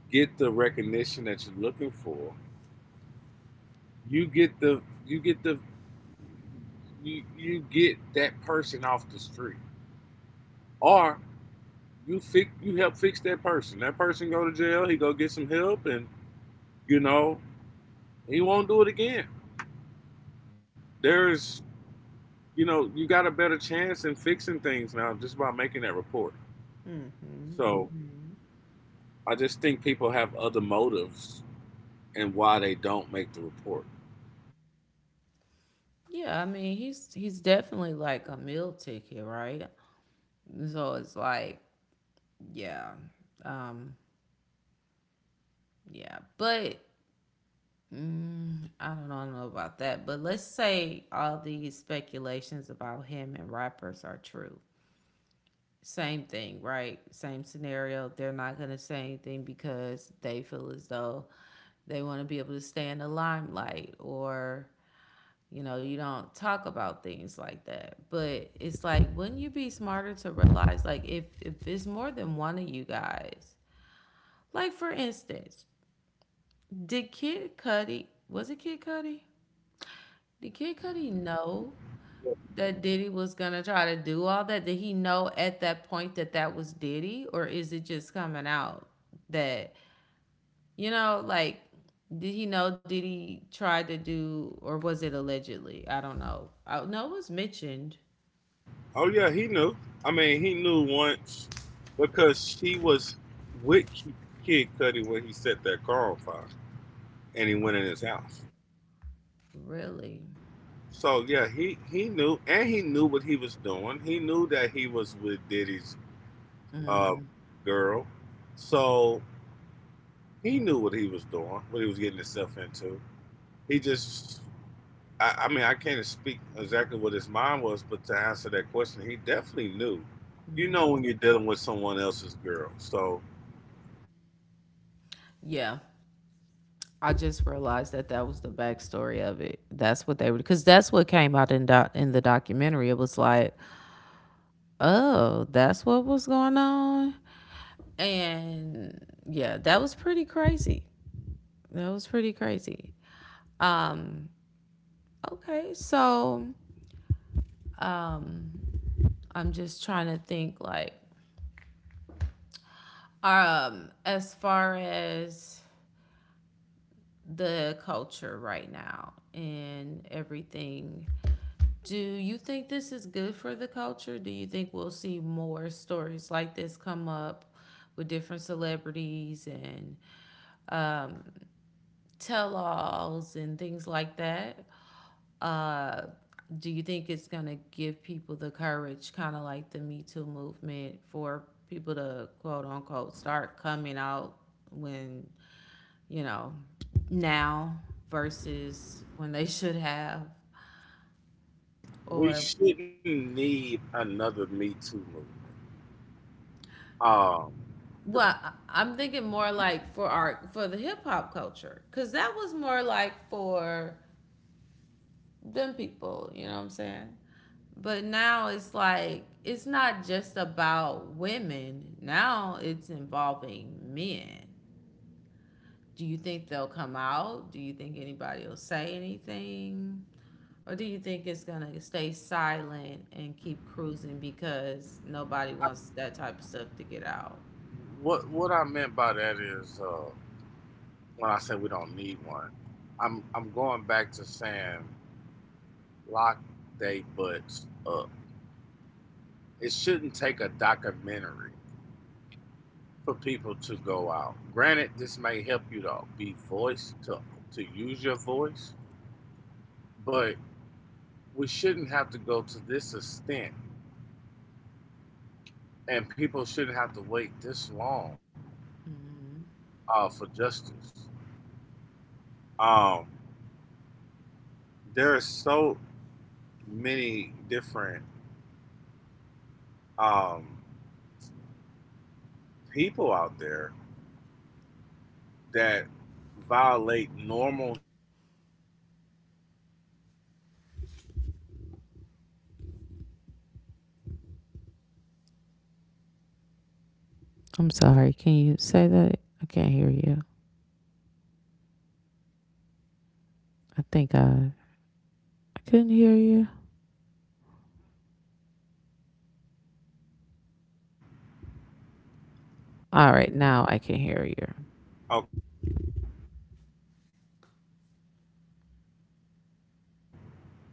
Speaker 2: get the recognition that you're looking for, you get the you get the you get that person off the street, or you help fix that person. That person go to jail, he go get some help, and you know he won't do it again. There's you got a better chance in fixing things now just by making that report. So I just think people have other motives and why they don't make the report.
Speaker 1: Yeah, I mean, he's definitely like a meal ticket, right? So it's like, yeah. Um, Yeah, but I don't know about that. But let's say all these speculations about him and rappers are true. Same thing, right? Same scenario. They're not going to say anything because they feel as though they want to be able to stay in the limelight, or you know, you don't talk about things like that. But it's like, wouldn't you be smarter to realize, like, if it's more than one of you guys, like for instance, did kid Cudi was it kid Cudi? Did Kid Cudi know that Diddy was gonna try to do all that? Did he know at that point that that was Diddy, or is it just coming out that, you know, like, did he know Diddy tried to do, or was it allegedly? I don't know. I, no, it was mentioned.
Speaker 2: Oh yeah, he knew. I mean, he knew once because she was with Kid Cudi when he set that car on fire, and he went in his house.
Speaker 1: Really?
Speaker 2: So yeah, he knew, and he knew what he was doing. He knew that he was with Diddy's uh, girl, so he knew what he was doing, what he was getting himself into. He just, I mean, I can't speak exactly what his mind was, but to answer that question, he definitely knew. You know when
Speaker 1: Mm-hmm.
Speaker 2: you're dealing with someone else's girl, so
Speaker 1: Yeah. I just realized that that was the backstory of it. That's what they were, because that's what came out in in the documentary. It was like, oh, that's what was going on. And yeah, that was pretty crazy. That was pretty crazy. Okay, so I'm just trying to think, like, as far as the culture right now and everything, do you think this is good for the culture? Do you think we'll see more stories like this come up with different celebrities and tell alls and things like that? Uh, do you think it's gonna give people the courage, kind of like the Me Too movement, for people to quote unquote start coming out when, you know, now versus when they should have,
Speaker 2: we
Speaker 1: or
Speaker 2: shouldn't need another Me Too movement. Um, the
Speaker 1: well, I'm thinking more like for our for the hip hop culture, cause that was more like for them people, you know what I'm saying? But now it's like it's not just about women. Now it's involving men. Do you think they'll come out? Do you think anybody will say anything? Or do you think it's going to stay silent and keep cruising because nobody wants that type of stuff to get out?
Speaker 2: What I meant by that is, when I say we don't need one, I'm going back to saying lock they butts up. It shouldn't take a documentary for people to go out. Granted, this may help you to be voice to use your voice, but we shouldn't have to go to this extent, and people shouldn't have to wait this long,
Speaker 1: Mm-hmm.
Speaker 2: for justice. Um, there are so many different um, people out there that violate normal human rights and on the job all the time. Oh, hold on. Sent trying to connect. Let me know if you can hear me.
Speaker 1: I can't hear you. I think I couldn't hear you.
Speaker 2: Hello.
Speaker 1: All right, now I can hear you.
Speaker 2: Okay.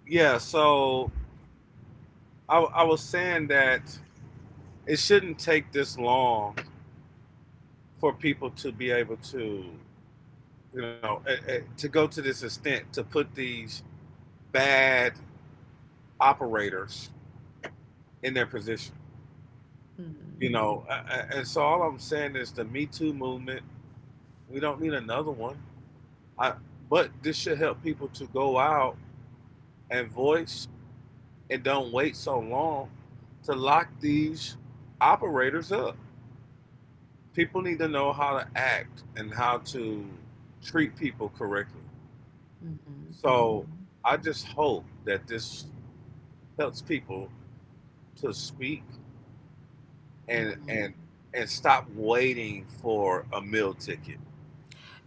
Speaker 2: Yeah. So I was saying that it shouldn't take this long for people to be able to, you know, to go to this extent to put these bad operators in their position. You know, and so all I'm saying is the Me Too movement. We don't need another one. I, but this should help people to go out and voice and don't wait so long to lock these operators up. People need to know how to act and how to treat people correctly.
Speaker 1: Mm-hmm.
Speaker 2: So
Speaker 1: Mm-hmm.
Speaker 2: I just hope that this helps people to speak and
Speaker 1: Mm-hmm.
Speaker 2: and and stop waiting for a meal ticket.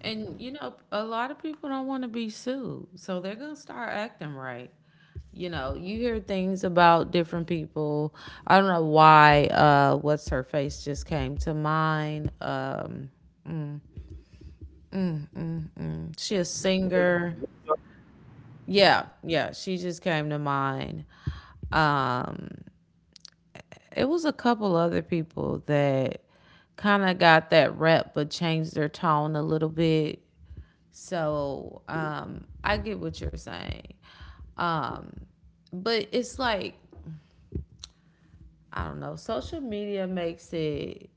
Speaker 1: And you know, a lot of people don't want to be sued, so they're gonna start acting right. You know, you hear things about different people. I don't know why. What's her face just came to mind. She a singer. Yeah, yeah, she just came to mind. Um, it was a couple other people that kind of got that rep, but changed their tone a little bit. So I get what you're saying, but it's like, I don't know. Social media makes it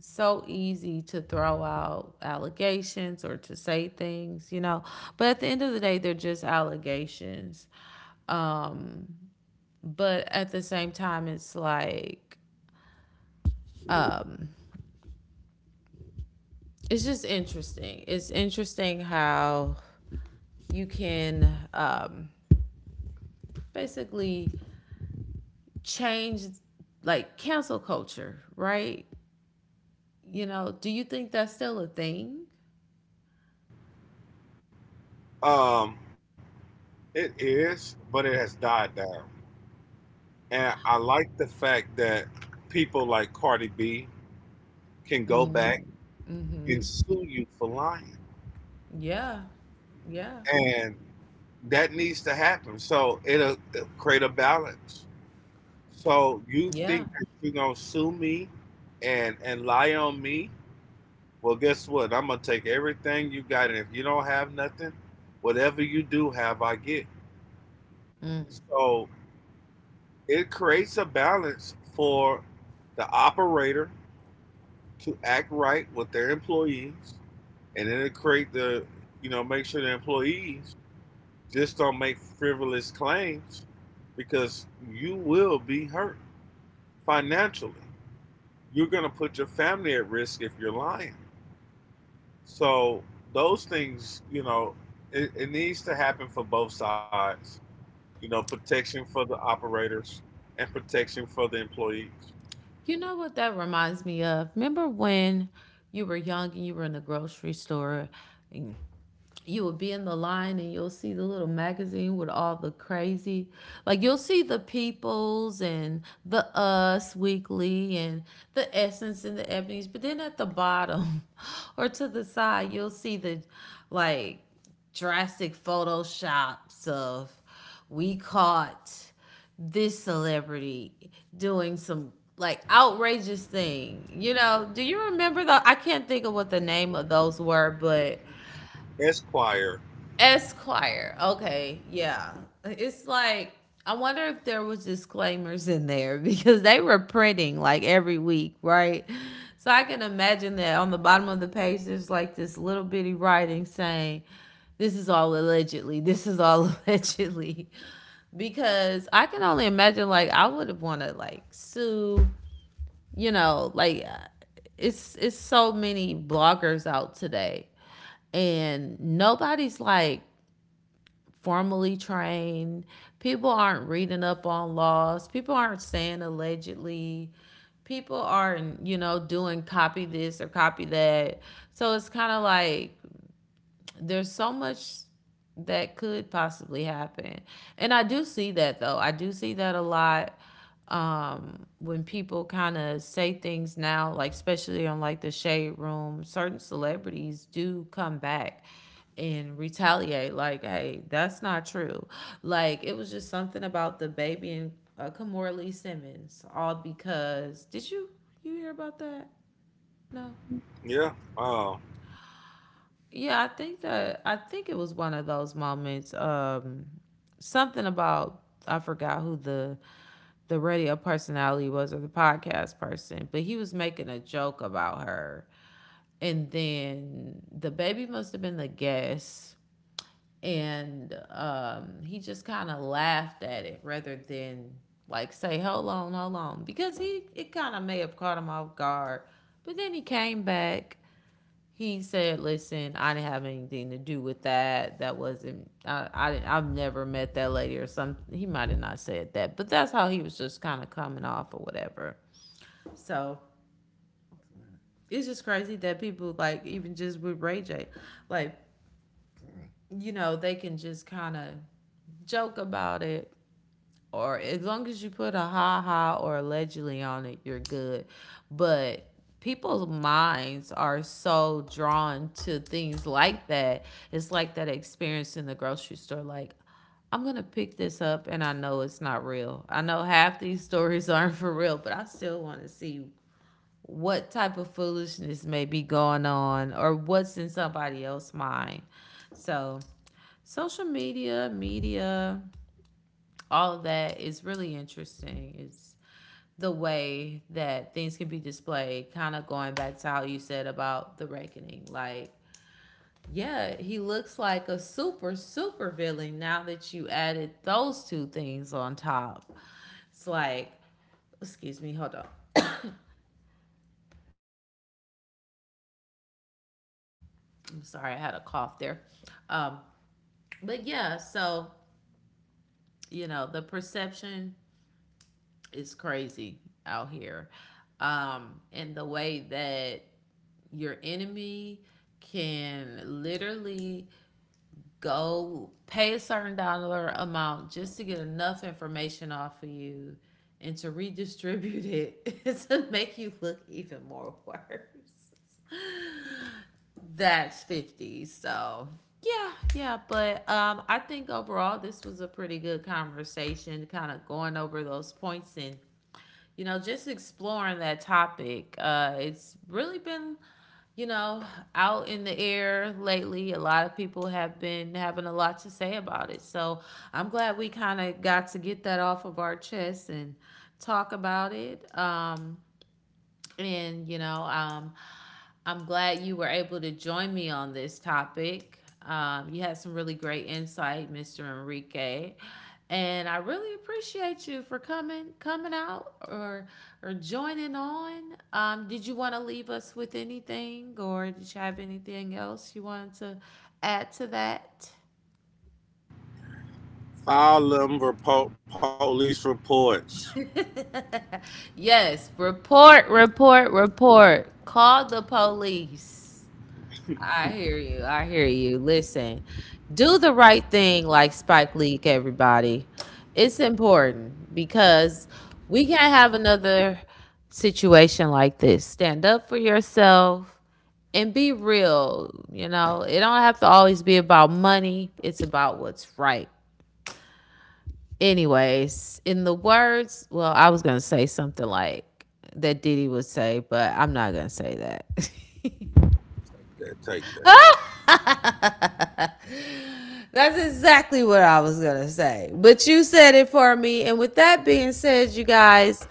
Speaker 1: so easy to throw out allegations or to say things, you know. But at the end of the day, they're just allegations. But at the same time, it's like, it's just interesting. It's interesting how you can, basically change, like, cancel culture, right? You know, do you think that's still a thing?
Speaker 2: Um, it is, but it has died down. And I like the fact that people like Cardi B can go back and sue you for lying.
Speaker 1: Yeah. Yeah.
Speaker 2: And that needs to happen. So it'll create a balance. So you
Speaker 1: Yeah.
Speaker 2: think that you're going to sue me and lie on me? Well, guess what? I'm going to take everything you got. And if you don't have nothing, whatever you do have, I get. So it creates a balance for the operator to act right with their employees, and then it create the you know make sure the employees just don't make frivolous claims because you will be hurt financially. You're gonna put your family at risk if you're lying. So those things, you know, it needs to happen for both sides. You know, protection for the operators and protection for the employees.
Speaker 1: You know what that reminds me of? Remember when you were young and you were in the grocery store? You will be in the line, and you'll see the little magazine with all the crazy, like, you'll see the Peoples and the Us Weekly and the Essence and the Ebony's, but then at the bottom or to the side, you'll see the, like, drastic Photoshops of, we caught this celebrity doing some like outrageous thing, you know. Do you remember? The I can't think of what the name of those were, but
Speaker 2: Esquire.
Speaker 1: Esquire. Okay, yeah. It's like, I wonder if there was disclaimers in there, because they were printing like every week, right? So I can imagine that on the bottom of the page there's like this little bitty writing saying, this is all allegedly. This is all allegedly, because I can only imagine, like, I would have wanted like sue, you know, like, it's so many bloggers out today, and nobody's like formally trained. People aren't reading up on laws. People aren't saying allegedly. People aren't, you know, doing copy this or copy that. So it's kind of like there's so much that could possibly happen. And I do see that though. I do see that a lot, when people kind of say things now, like especially on like the Shade Room, certain celebrities do come back and retaliate, like, hey, that's not true, like it was just something about The Baby and Kamora Lee Simmons. All because did you, you hear about that? No.
Speaker 2: Yeah.
Speaker 1: Yeah, I think that, I think it was one of those moments. Something about, I forgot who the radio personality was or the podcast person, but he was making a joke about her, and then The Baby must have been the guest, and he just kind of laughed at it rather than like say, hold on, hold on, because he, it kind of may have caught him off guard, but then he came back, he said, "Listen, I didn't have anything to do with that. That wasn't. I. I didn't, I've never met that lady," or something. He might have not said that, but that's how he was just kind of coming off or whatever. So it's just crazy that people, like even just with Ray J, like, you know, they can just kind of joke about it, or as long as you put a ha ha or allegedly on it, you're good. But people's minds are so drawn to things like that. It's like that experience in the grocery store. Like, I'm going to pick this up, and I know it's not real. I know half these stories aren't for real, but I still want to see what type of foolishness may be going on or what's in somebody else's mind. So, social media, media, all of that is really interesting. It's the way that things can be displayed, kind of going back to how you said about the reckoning. Like, yeah, he looks like a super, super villain now that you added those two things on top. It's like, excuse me, hold on. I'm sorry, I had a cough there. Um, but yeah, so, you know, the perception is crazy out here. And the way that your enemy can literally go pay a certain dollar amount just to get enough information off of you and to redistribute it to make you look even more worse. That's 50. So, yeah, yeah, but I think overall this was a pretty good conversation, kind of going over those points, and you know, just exploring that topic. It's really been, you know, out in the air lately. A lot of people have been having a lot to say about it. So I'm glad we kind of got to get that off of our chest and talk about it. And, you know, I'm glad you were able to join me on this topic. You had some really great insight, Mr. Enrique. And I really appreciate you for coming out or joining on. Did you want to leave us with anything, or did you have anything else you wanted to add to that?
Speaker 2: File them report, police reports.
Speaker 1: Yes, report, report, report. Call the police. I hear you. I hear you. Listen, do the right thing like Spike Lee, everybody. It's important because we can't have another situation like this. Stand up for yourself and be real. You know, it don't have to always be about money, it's about what's right. Anyways, in the words, well, I was going to say something like that Diddy would say, but I'm not going to say
Speaker 2: That take that.
Speaker 1: that. That's exactly what I was gonna say. But you said it for me. And with that being said, you guys,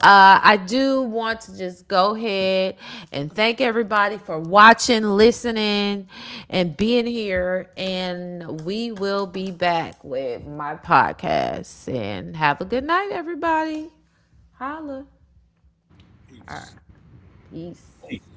Speaker 1: I do want to just go ahead and thank everybody for watching, listening, and being here. And we will be back with my podcast. And have a good night, everybody. Holla. All
Speaker 2: Peace.
Speaker 1: right. Peace.